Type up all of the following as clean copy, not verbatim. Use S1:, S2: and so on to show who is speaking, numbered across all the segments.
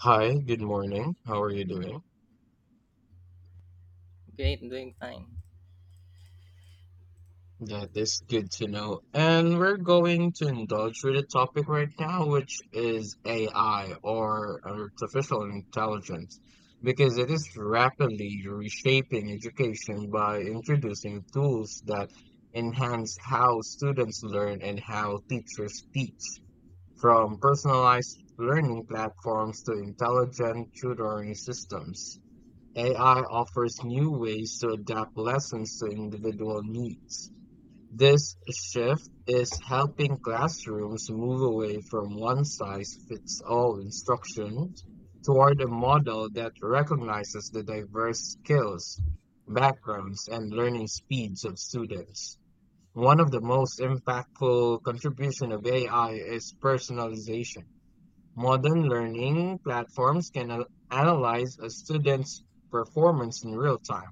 S1: Hi, good morning. How are you doing?
S2: Great, doing fine.
S1: That is good to know. And we're going to indulge with a topic right now, which is AI or artificial intelligence, because it is rapidly reshaping education by introducing tools that enhance how students learn and how teachers teach, from personalized learning platforms to intelligent tutoring systems. AI offers new ways to adapt lessons to individual needs. This shift is helping classrooms move away from one size fits all instruction toward a model that recognizes the diverse skills, backgrounds, and learning speeds of students. One of the most impactful contribution of AI is personalization. Modern learning platforms can analyze a student's performance in real time,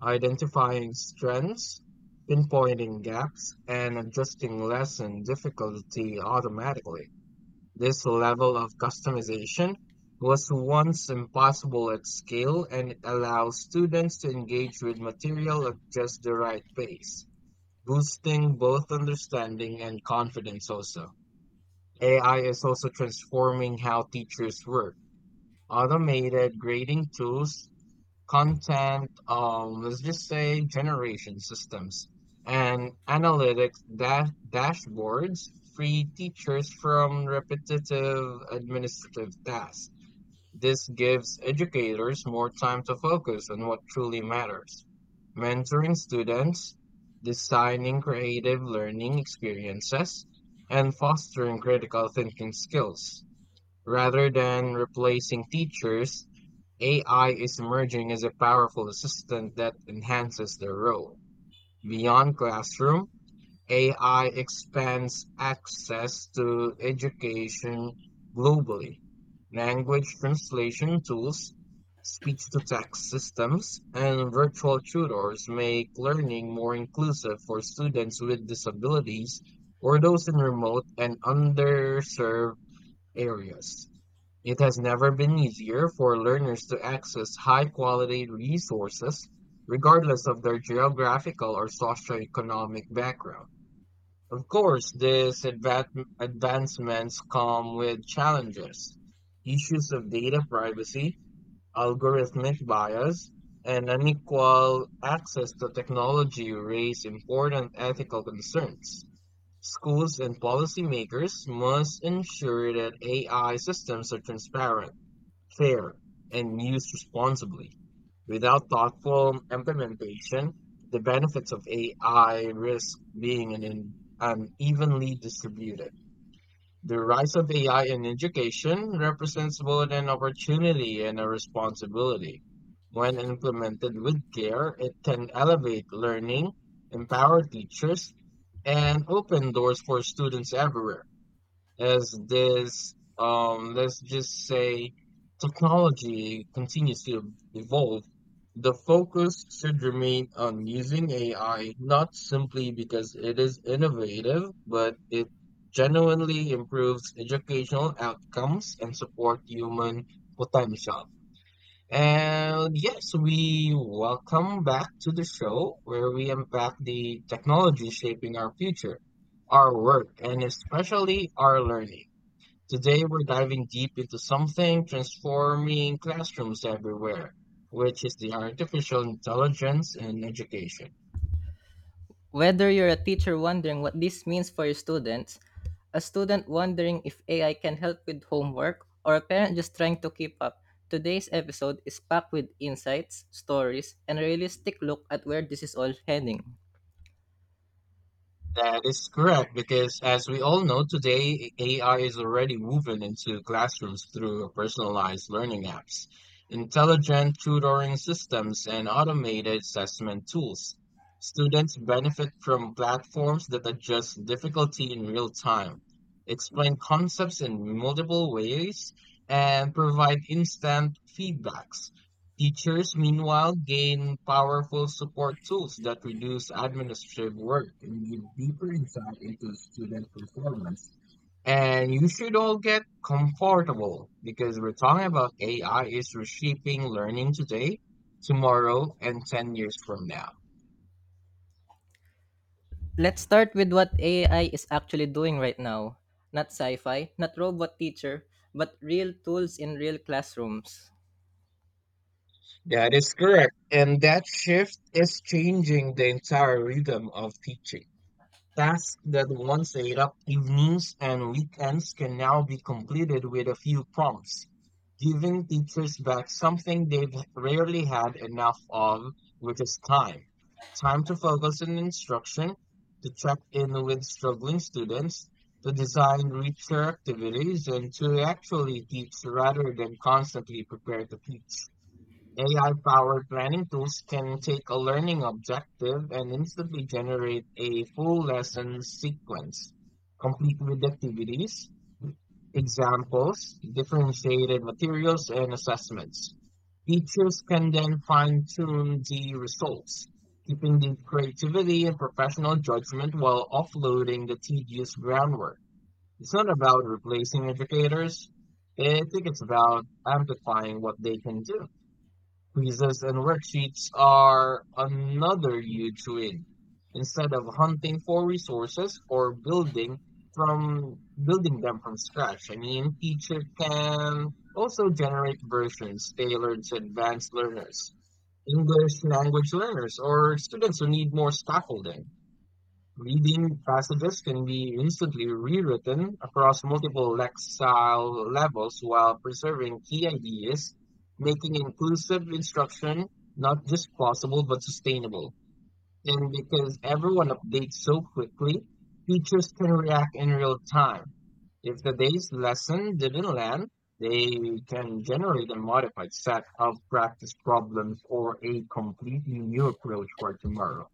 S1: identifying strengths, pinpointing gaps, and adjusting lesson difficulty automatically. This level of customization was once impossible at scale, and it allows students to engage with material at just the right pace, boosting both understanding and confidence also. AI is also transforming how teachers work, automated grading tools, content, let's just say generation systems, and analytics dashboards free teachers from repetitive administrative tasks. This gives educators more time to focus on what truly matters. Mentoring students, designing creative learning experiences, and fostering critical thinking skills. Rather than replacing teachers, AI is emerging as a powerful assistant that enhances their role. Beyond classroom, AI expands access to education globally. Language translation tools, speech to text systems, and virtual tutors make learning more inclusive for students with disabilities or those in remote and underserved areas. It has never been easier for learners to access high-quality resources, regardless of their geographical or socioeconomic background. Of course, these advancements come with challenges. Issues of data privacy, algorithmic bias, and unequal access to technology raise important ethical concerns. Schools and policymakers must ensure that AI systems are transparent, fair, and used responsibly. Without thoughtful implementation, the benefits of AI risk being unevenly distributed. The rise of AI in education represents both an opportunity and a responsibility. When implemented with care, it can elevate learning, empower teachers, and open doors for students everywhere as this, let's just say, technology continues to evolve, the focus should remain on using AI not simply because it is innovative, but it genuinely improves educational outcomes and support human potential. And yes, we welcome back to the show where we unpack the technology shaping our future, our work, and especially our learning. Today we're diving deep into something transforming classrooms everywhere, which is the artificial intelligence in education.
S2: Whether you're a teacher wondering what this means for your students, a student wondering if AI can help with homework, or a parent just trying to keep up, today's episode is packed with insights, stories, and a realistic look at where this is all heading.
S1: That is correct, because as we all know today, AI is already woven into classrooms through personalized learning apps, intelligent tutoring systems, and automated assessment tools. Students benefit from platforms that adjust difficulty in real time, explain concepts in multiple ways, and provide instant feedbacks. Teachers, meanwhile, gain powerful support tools that reduce administrative work and give deeper insight into student performance. And you should all get comfortable because we're talking about AI is reshaping learning today, tomorrow, and 10 years from now.
S2: Let's start with what AI is actually doing right now. Not sci fi, not robot teacher, but real tools in real classrooms.
S1: That is correct. And that shift is changing the entire rhythm of teaching. Tasks that once ate up evenings and weekends can now be completed with a few prompts, giving teachers back something they've rarely had enough of, which is time. Time to focus on instruction, to check in with struggling students, to design richer activities, and to actually teach rather than constantly prepare to teach. AI-powered planning tools can take a learning objective and instantly generate a full lesson sequence, complete with activities, examples, differentiated materials, and assessments. Teachers can then fine-tune the results, keeping the creativity and professional judgment while offloading the tedious groundwork. It's not about replacing educators. I think it's about amplifying what they can do. Quizzes and worksheets are another huge win. Instead of hunting for resources or building from building them from scratch, I mean, teacher can also generate versions tailored to advanced learners, English language learners, or students who need more scaffolding. Leading passages can be instantly rewritten across multiple lexile levels while preserving key ideas, making inclusive instruction not just possible but sustainable. And because everyone updates so quickly, teachers can react in real time. If the day's lesson didn't land, they can generate a modified set of practice problems or a completely new approach for tomorrow.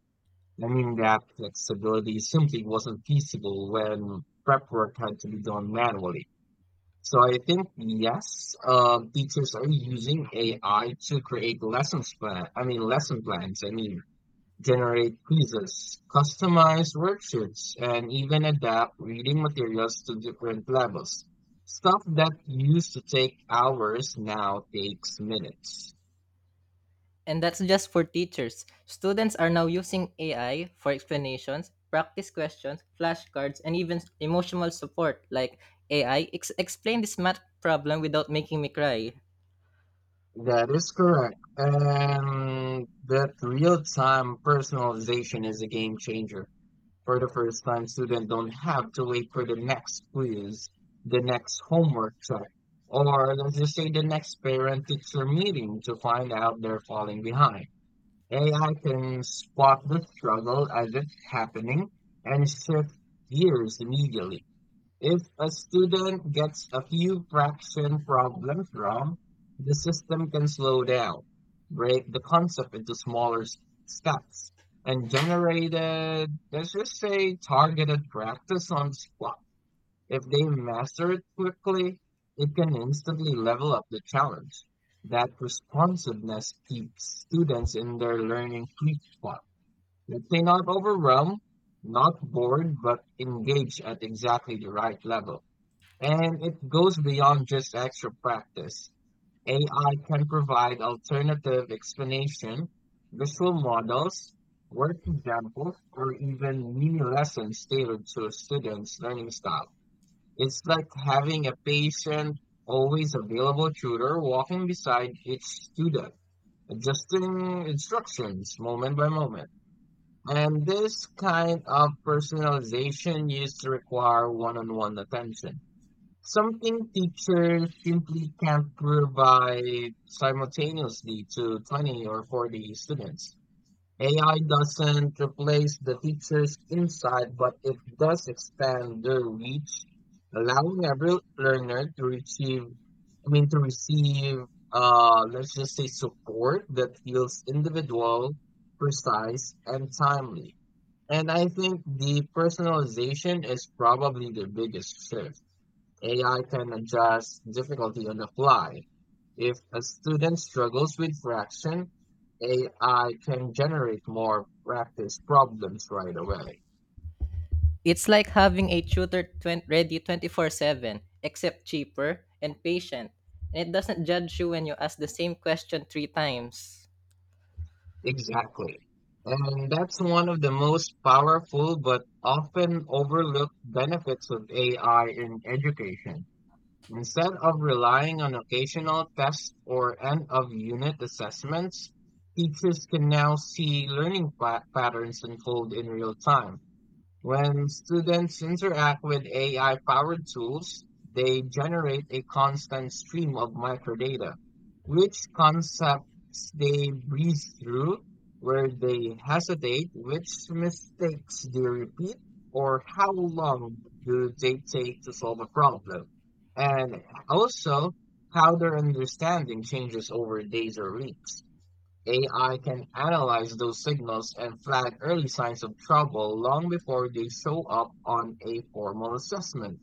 S1: I mean, that flexibility simply wasn't feasible when prep work had to be done manually. So I think, yes, teachers are using AI to create lessons plan, I mean, lesson plans. I mean, generate quizzes, customize worksheets, and even adapt reading materials to different levels. Stuff that used to take hours now takes minutes.
S2: And that's just for teachers. Students are now using AI for explanations, practice questions, flashcards, and even emotional support like AI, explain this math problem without making me cry.
S1: That is correct. And that real-time personalization is a game changer. For the first time, students don't have to wait for the next quiz, the next homework check, or let's just say the next parent-teacher meeting to find out they're falling behind. AI can spot the struggle as it's happening and shift gears immediately. If a student gets a few fraction problems wrong, the system can slow down, break the concept into smaller steps, and generate a, let's just say, targeted practice on spot. If they master it quickly, it can instantly level up the challenge. That responsiveness keeps students in their learning sweet spot. Let's say not overwhelmed, not bored, but engaged at exactly the right level. And it goes beyond just extra practice. AI can provide alternative explanation, visual models, work examples, or even mini lessons tailored to a student's learning style. It's like having a patient, always available tutor walking beside each student, adjusting instructions moment by moment. And this kind of personalization used to require one on one attention. Something teachers simply can't provide simultaneously to 20 or 40 students. AI doesn't replace the teacher's insight, but it does expand their reach, allowing every learner to to receive, let's just say support that feels individual, precise, and timely. And I think the personalization is probably the biggest shift AI can adjust difficulty on the fly. If a student struggles with fraction, AI can generate more practice problems right away.
S2: It's like having a tutor ready 24/7, except cheaper and patient. And it doesn't judge you when you ask the same question three times.
S1: Exactly. And that's one of the most powerful but often overlooked benefits of AI in education. Instead of relying on occasional tests or end of unit assessments, teachers can now see learning patterns unfold in real time. When students interact with AI-powered tools, they generate a constant stream of microdata, which concepts they breeze through, where they hesitate, which mistakes they repeat, or how long do they take to solve a problem, and also how their understanding changes over days or weeks. AI can analyze those signals and flag early signs of trouble long before they show up on a formal assessment.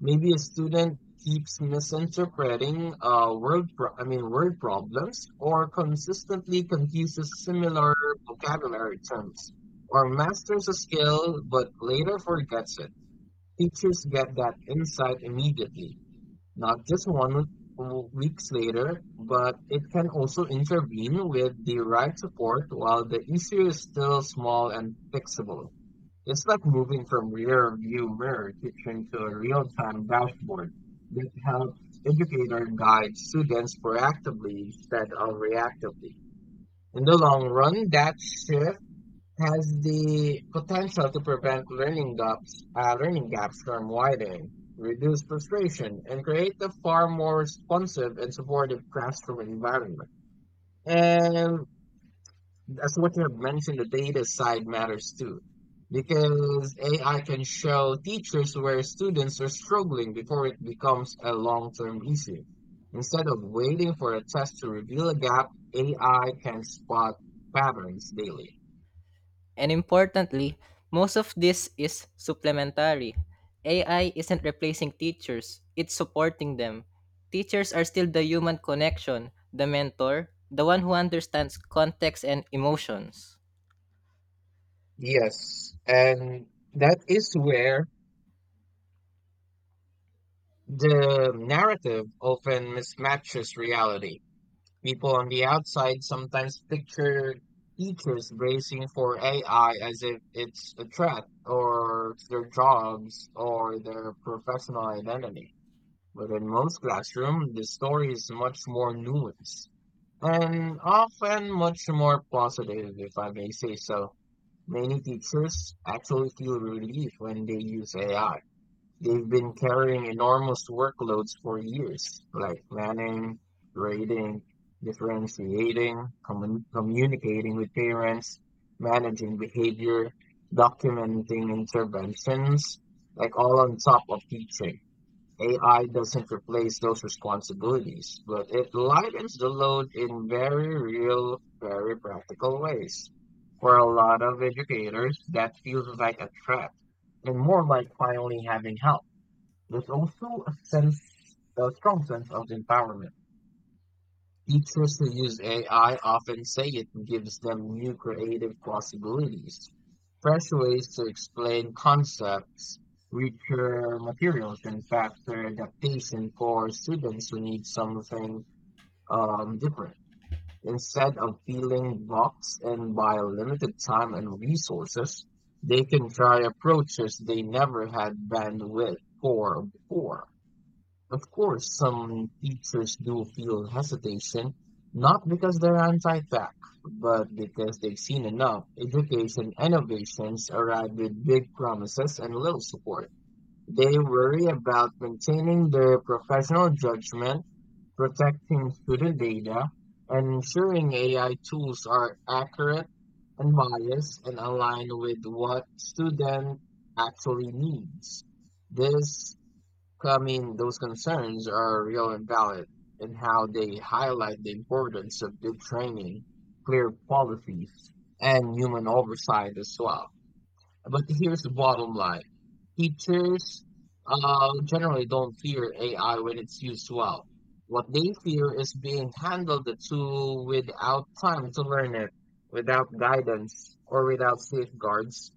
S1: Maybe a student keeps misinterpreting word problems or consistently confuses similar vocabulary terms or masters a skill but later forgets it. Teachers get that insight immediately not just one weeks later, but it can also intervene with the right support while the issue is still small and fixable. It's like moving from rear view mirror teaching to a real time dashboard that helps educator guide students proactively instead of reactively. In the long run, that shift has the potential to prevent learning gaps from widening, reduce frustration, and create a far more responsive and supportive classroom environment. And as what you have mentioned, the data side matters too, because AI can show teachers where students are struggling before it becomes a long-term issue. Instead of waiting for a test to reveal a gap, AI can spot patterns daily.
S2: And importantly, most of this is supplementary. AI isn't replacing teachers, it's supporting them. Teachers are still the human connection, the mentor, the one who understands context and emotions.
S1: Yes, and that is where the narrative often mismatches reality. People on the outside sometimes picture teachers bracing for AI as if it's a threat or to their jobs or their professional identity. But in most classrooms, the story is much more nuanced and often much more positive, if I may say so. Many teachers actually feel relief when they use AI. They've been carrying enormous workloads for years, like planning, grading, differentiating, communicating with parents, managing behavior, documenting interventions, like all on top of teaching. AI doesn't replace those responsibilities, but it lightens the load in very real, very practical ways. For a lot of educators, that feels like a threat and more like finally having help. There's also a sense, a strong sense of empowerment. Teachers who use AI often say it gives them new creative possibilities, fresh ways to explain concepts, richer materials, and faster adaptation for students who need something different. Instead of feeling boxed in by limited time and resources, they can try approaches they never had bandwidth for before. Of course, some teachers do feel hesitation, not because they're anti-fact, but because they've seen enough education innovations arrive with big promises and little support. They worry about maintaining their professional judgment, protecting student data, and ensuring AI tools are accurate, unbiased, and aligned with what student actually needs. This so, I mean, those concerns are real and valid and how they highlight the importance of good training, clear policies, and human oversight as well. But here's the bottom line. Teachers generally don't fear AI when it's used well. What they fear is being handled the tool without time to learn it, without guidance, or without safeguards.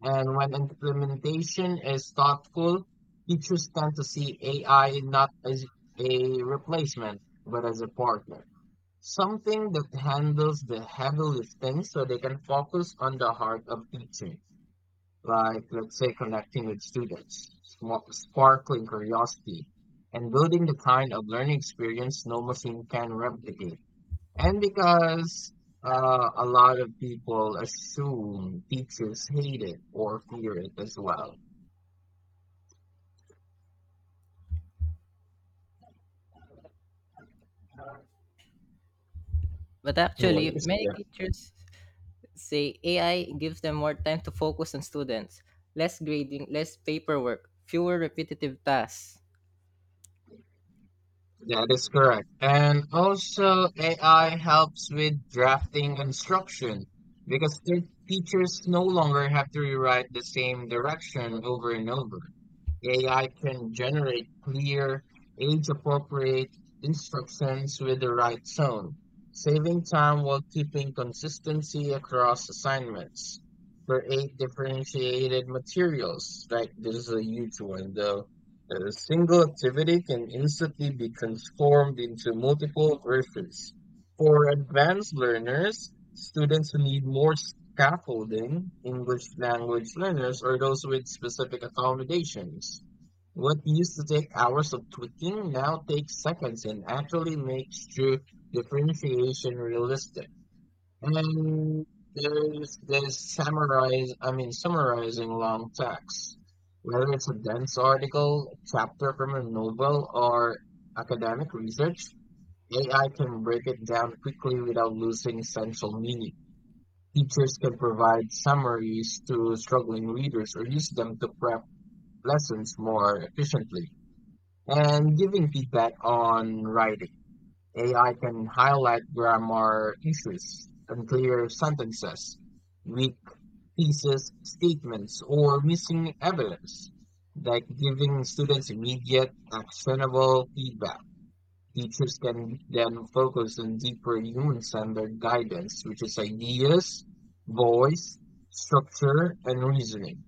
S1: And when implementation is thoughtful, teachers tend to see AI not as a replacement, but as a partner, something that handles the heavy lifting so they can focus on the heart of teaching, like, let's say, connecting with students, sparkling curiosity, and building the kind of learning experience no machine can replicate. And because a lot of people assume teachers hate it or fear it as well.
S2: But actually,
S1: Yes,
S2: many
S1: yeah.
S2: teachers say AI gives them more time to focus on students, less grading, less paperwork, fewer repetitive tasks.
S1: That is correct. And also, AI helps with drafting instruction because the teachers no longer have to rewrite the same direction over and over. AI can generate clear, age-appropriate instructions with the right tone, saving time while keeping consistency across assignments. Create differentiated materials. Like this is a huge one though. A single activity can instantly be transformed into multiple versions. For advanced learners, students who need more scaffolding, English language learners, or those with specific accommodations. What used to take hours of tweaking now takes seconds and actually makes true differentiation realistic. And there's this summarize, I mean, summarizing long text. Whether it's a dense article, a chapter from a novel, or academic research, AI can break it down quickly without losing essential meaning. Teachers can provide summaries to struggling readers or use them to prep lessons more efficiently. And giving feedback on writing. AI can highlight grammar issues, unclear sentences, weak thesis statements, or missing evidence, like giving students immediate, actionable feedback. Teachers can then focus on deeper human-centered guidance, which is ideas, voice, structure, and reasoning,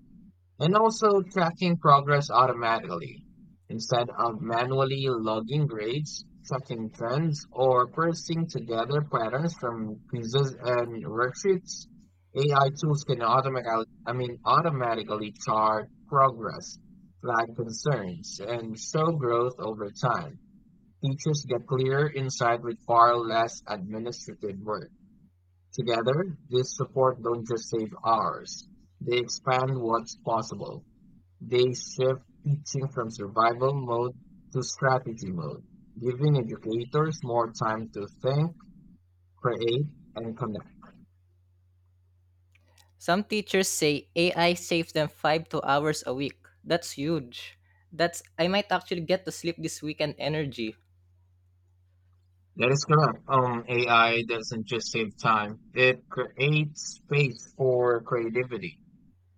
S1: and also tracking progress automatically instead of manually logging grades, tracking trends, or parsing together patterns from quizzes and worksheets. AI tools can automatically chart progress, flag concerns, and show growth over time. Teachers get clear insight with far less administrative work. Together, this support don't just save hours. They expand what's possible. They shift teaching from survival mode to strategy mode, giving educators more time to think, create, and connect.
S2: Some teachers say AI saves them five to hours a week. That's huge. That's I might actually get to sleep this weekend energy.
S1: That is correct. AI doesn't just save time, it creates space for creativity.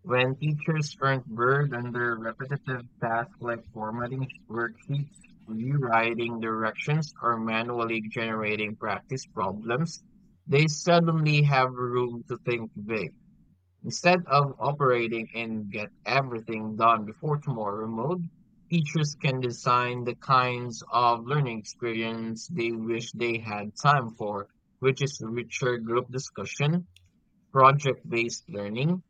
S1: When teachers are not burned under repetitive tasks like formatting worksheets, rewriting directions, or manually generating practice problems, they suddenly have room to think big. Instead of operating in get everything done before tomorrow mode, teachers can design the kinds of learning experience they wish they had time for, which is richer group discussion, project-based learning,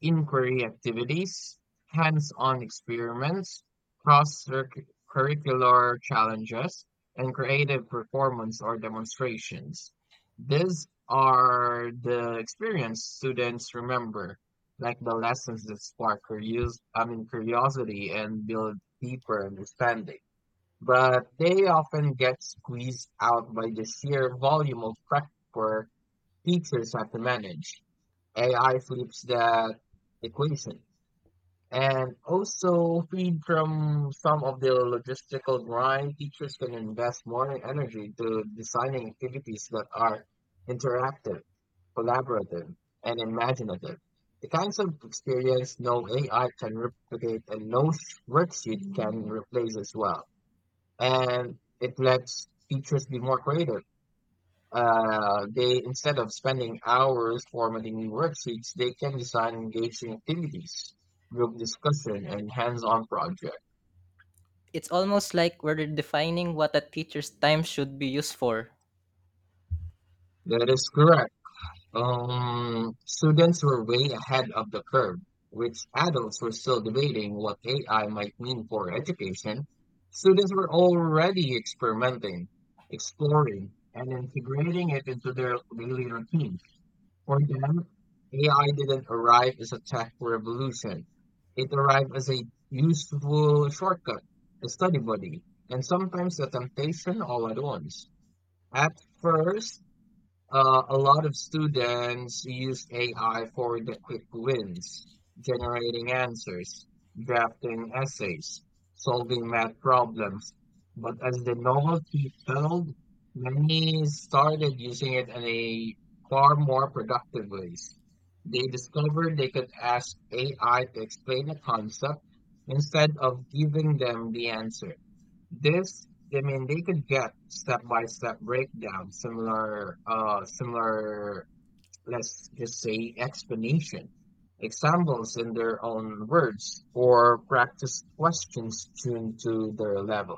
S1: inquiry activities, hands-on experiments, cross-curricular challenges, and creative performance or demonstrations. These are the experience students remember, like the lessons that spark curiosity and build deeper understanding. But they often get squeezed out by the sheer volume of prep work teachers have to manage. AI flips that equation. And also feed from some of the logistical grind, teachers can invest more in energy to designing activities that are interactive, collaborative, and imaginative. The kinds of experience no AI can replicate and no worksheet can replace as well. And it lets teachers be more creative they instead of spending hours formatting new worksheets, they can design engaging activities, group discussion, and hands-on projects.
S2: It's almost like we're defining what a teacher's time should be used for.
S1: That is correct. Students were way ahead of the curve, which adults were still debating what AI might mean for education. Students were already experimenting, exploring, and integrating it into their daily routine. For them, AI didn't arrive as a tech revolution. It arrived as a useful shortcut, a study buddy, and sometimes a temptation all at once. At first, a lot of students use AI for the quick wins, generating answers, drafting essays, solving math problems. But as the novelty fell, many started using it in a far more productive ways. They discovered they could ask AI to explain a concept instead of giving them the answer. This, they could get step-by-step breakdown, similar, let's just say explanation, examples in their own words, or practice questions tuned to their level.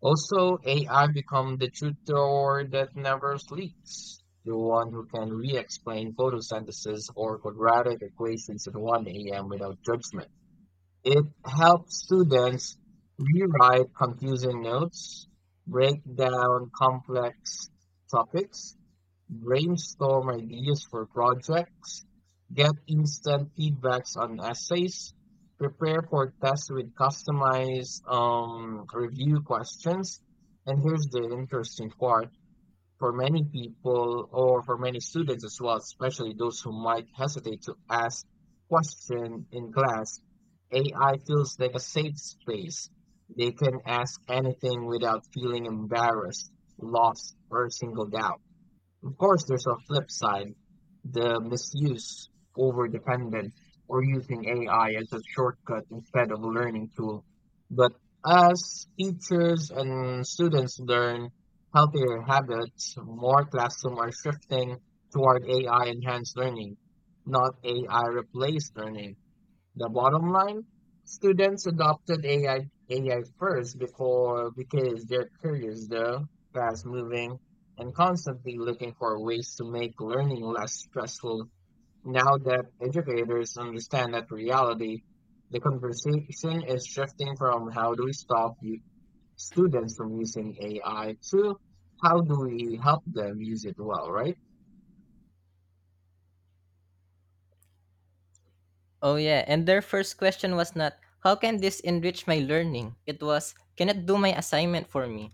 S1: Also, AI become the tutor that never sleeps, the one who can re-explain photosynthesis or quadratic equations at 1 a.m. without judgment. It helps students rewrite confusing notes, break down complex topics, brainstorm ideas for projects, get instant feedbacks on essays, prepare for tests with customized review questions. And here's the interesting part for many people or for many students as well, especially those who might hesitate to ask question in class, AI feels like a safe space. They can ask anything without feeling embarrassed, lost, or singled out. Of course, there's a flip side, the misuse, overdependent, or using AI as a shortcut instead of a learning tool. But as teachers and students learn healthier habits, more classrooms are shifting toward AI enhanced learning, not AI replaced learning. The bottom line, students adopted AI first before because they're curious though, fast moving, and constantly looking for ways to make learning less stressful. Now that educators understand that reality, the conversation is shifting from how do we stop students from using AI to how do we help them use it well, right?
S2: Oh yeah, and their first question was not how can this enrich my learning? It was can it do my assignment for me?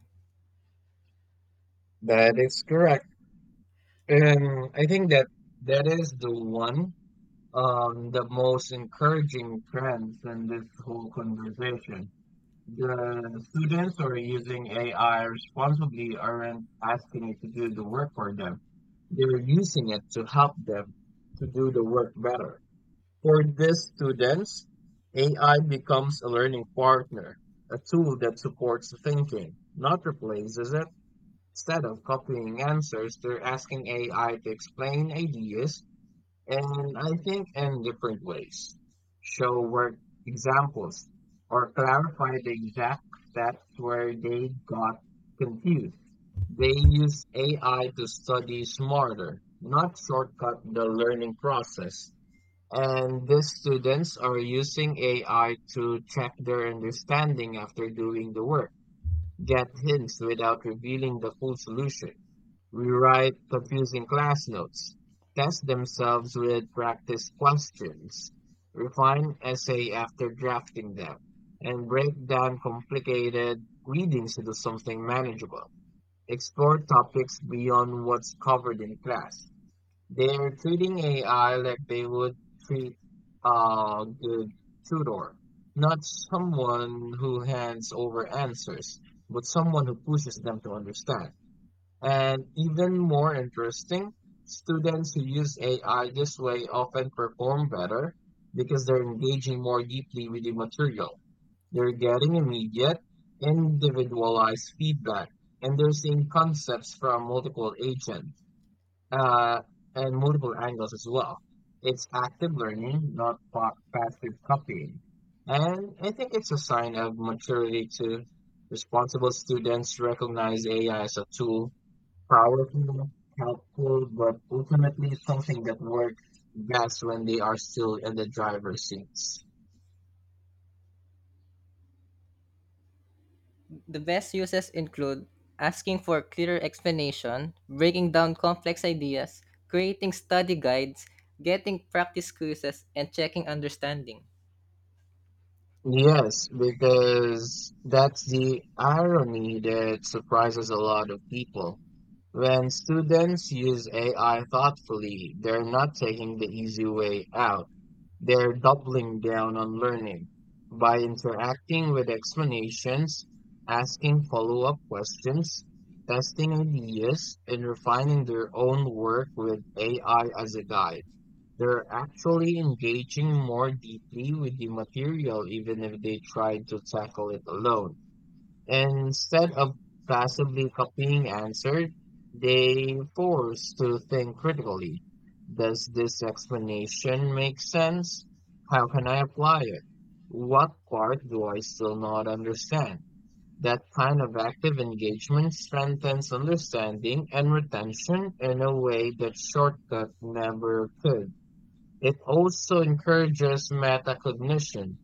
S1: That is correct. And I think that is the one the most encouraging trends in this whole conversation. The students who are using AI responsibly aren't asking it to do the work for them. They're using it to help them to do the work better. For these students, AI becomes a learning partner, a tool that supports thinking, not replaces it. Instead of copying answers, they're asking AI to explain ideas, and I think in different ways. Show work examples or clarify the exact steps where they got confused. They use AI to study smarter, not shortcut the learning process. And the students are using AI to check their understanding after doing the work, get hints without revealing the full solution. Rewrite confusing class notes. Test themselves with practice questions. Refine essay after drafting them. And break down complicated readings into something manageable. Explore topics beyond what's covered in class. They're treating AI like they would treat a good tutor, not someone who hands over answers, but someone who pushes them to understand. And even more interesting, students who use AI this way often perform better because they're engaging more deeply with the material. They're getting immediate, individualized feedback, and they're seeing concepts from multiple agents uh, and multiple angles as well. It's active learning, not passive copying. And I think it's a sign of maturity to. Responsible students recognize AI as a tool. Powerful, helpful, but ultimately something that works best when they are still in the driver's seats.
S2: The best uses include asking for clearer explanation, breaking down complex ideas, creating study guides, getting practice quizzes, and checking understanding.
S1: Yes, because that's the irony that surprises a lot of people. When students use AI thoughtfully, they're not taking the easy way out. They're doubling down on learning by interacting with explanations, asking follow-up questions, testing ideas, and refining their own work with AI as a guide. They're actually engaging more deeply with the material even if they try to tackle it alone. Instead of passively copying answers, they force to think critically. Does this explanation make sense? How can I apply it? What part do I still not understand? That kind of active engagement strengthens understanding and retention in a way that shortcut never could. It also encourages metacognition.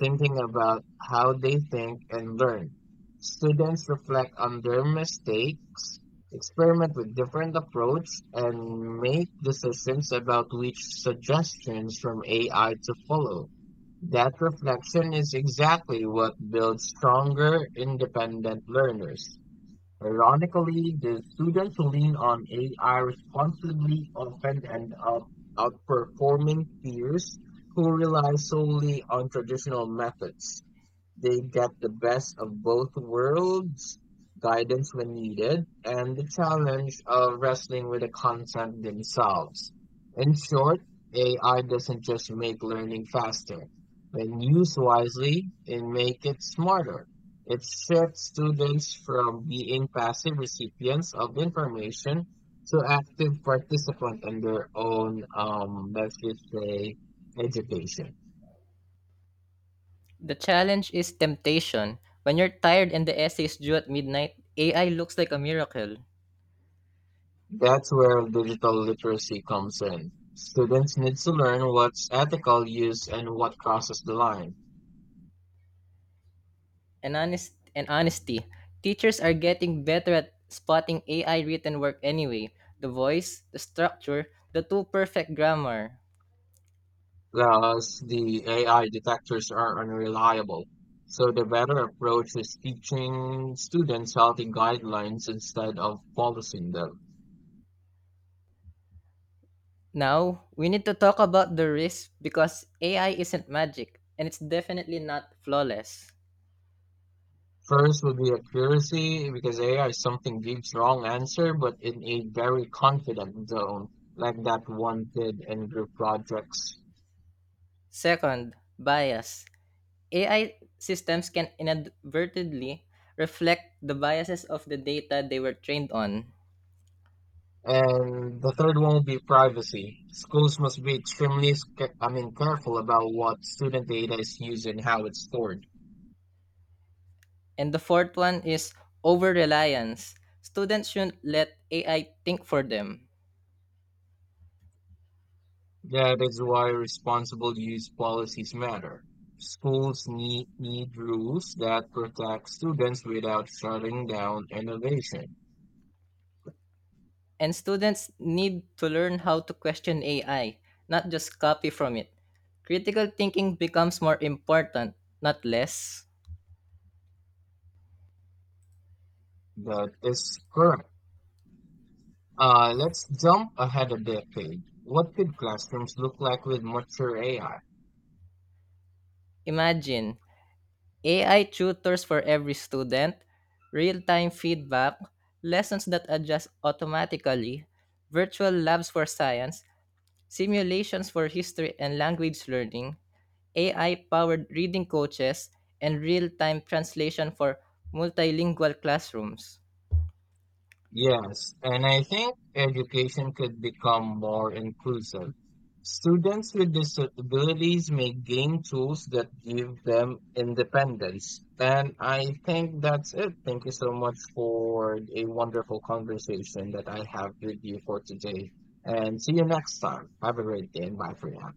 S1: Thinking about how they think and learn, students reflect on their mistakes, experiment with different approach, and make decisions about which suggestions from AI to follow. That reflection is exactly what builds stronger, independent learners. Ironically, the students who lean on AI responsibly often end up outperforming peers who rely solely on traditional methods. They get the best of both worlds, guidance when needed, and the challenge of wrestling with the content themselves. In short, AI doesn't just make learning faster. When used wisely, it makes it smarter. It shifts students from being passive recipients of information to active participants in their own, let's just say, education.
S2: The challenge is temptation. When you're tired and the essay is due at midnight, AI looks like a miracle.
S1: That's where digital literacy comes in. Students need to learn what's ethical use and what crosses the line.
S2: And honest and honesty. Teachers are getting better at spotting AI written work anyway. The voice, the structure, the too perfect grammar.
S1: Thus, the AI detectors are unreliable. So the better approach is teaching students healthy guidelines instead of policing them.
S2: Now, we need to talk about the risk because AI isn't magic and it's definitely not flawless.
S1: First would be accuracy, because AI something gives wrong answer, but in a very confident zone, like that one did in group projects.
S2: Second, bias. AI systems can inadvertently reflect the biases of the data they were trained on.
S1: And the third one would be privacy. Schools must be extremely, careful about what student data is used and how it's stored.
S2: And the fourth one is over reliance. Students shouldn't let AI think for them.
S1: That is why responsible use policies matter. Schools need rules that protect students without shutting down innovation.
S2: And students need to learn how to question AI, not just copy from it. Critical thinking becomes more important, not less.
S1: That is correct. Let's jump ahead a decade. What could classrooms look like with mature AI?
S2: Imagine AI tutors for every student, real time feedback, lessons that adjust automatically, virtual labs for science, simulations for history and language learning, AI powered reading coaches, and real time translation for multilingual classrooms.
S1: Yes, and I think education could become more inclusive. Students with disabilities may gain tools that give them independence. And I think that's it. Thank you so much for a wonderful conversation that I have with you for today. And see you next time. Have a great day and bye for now.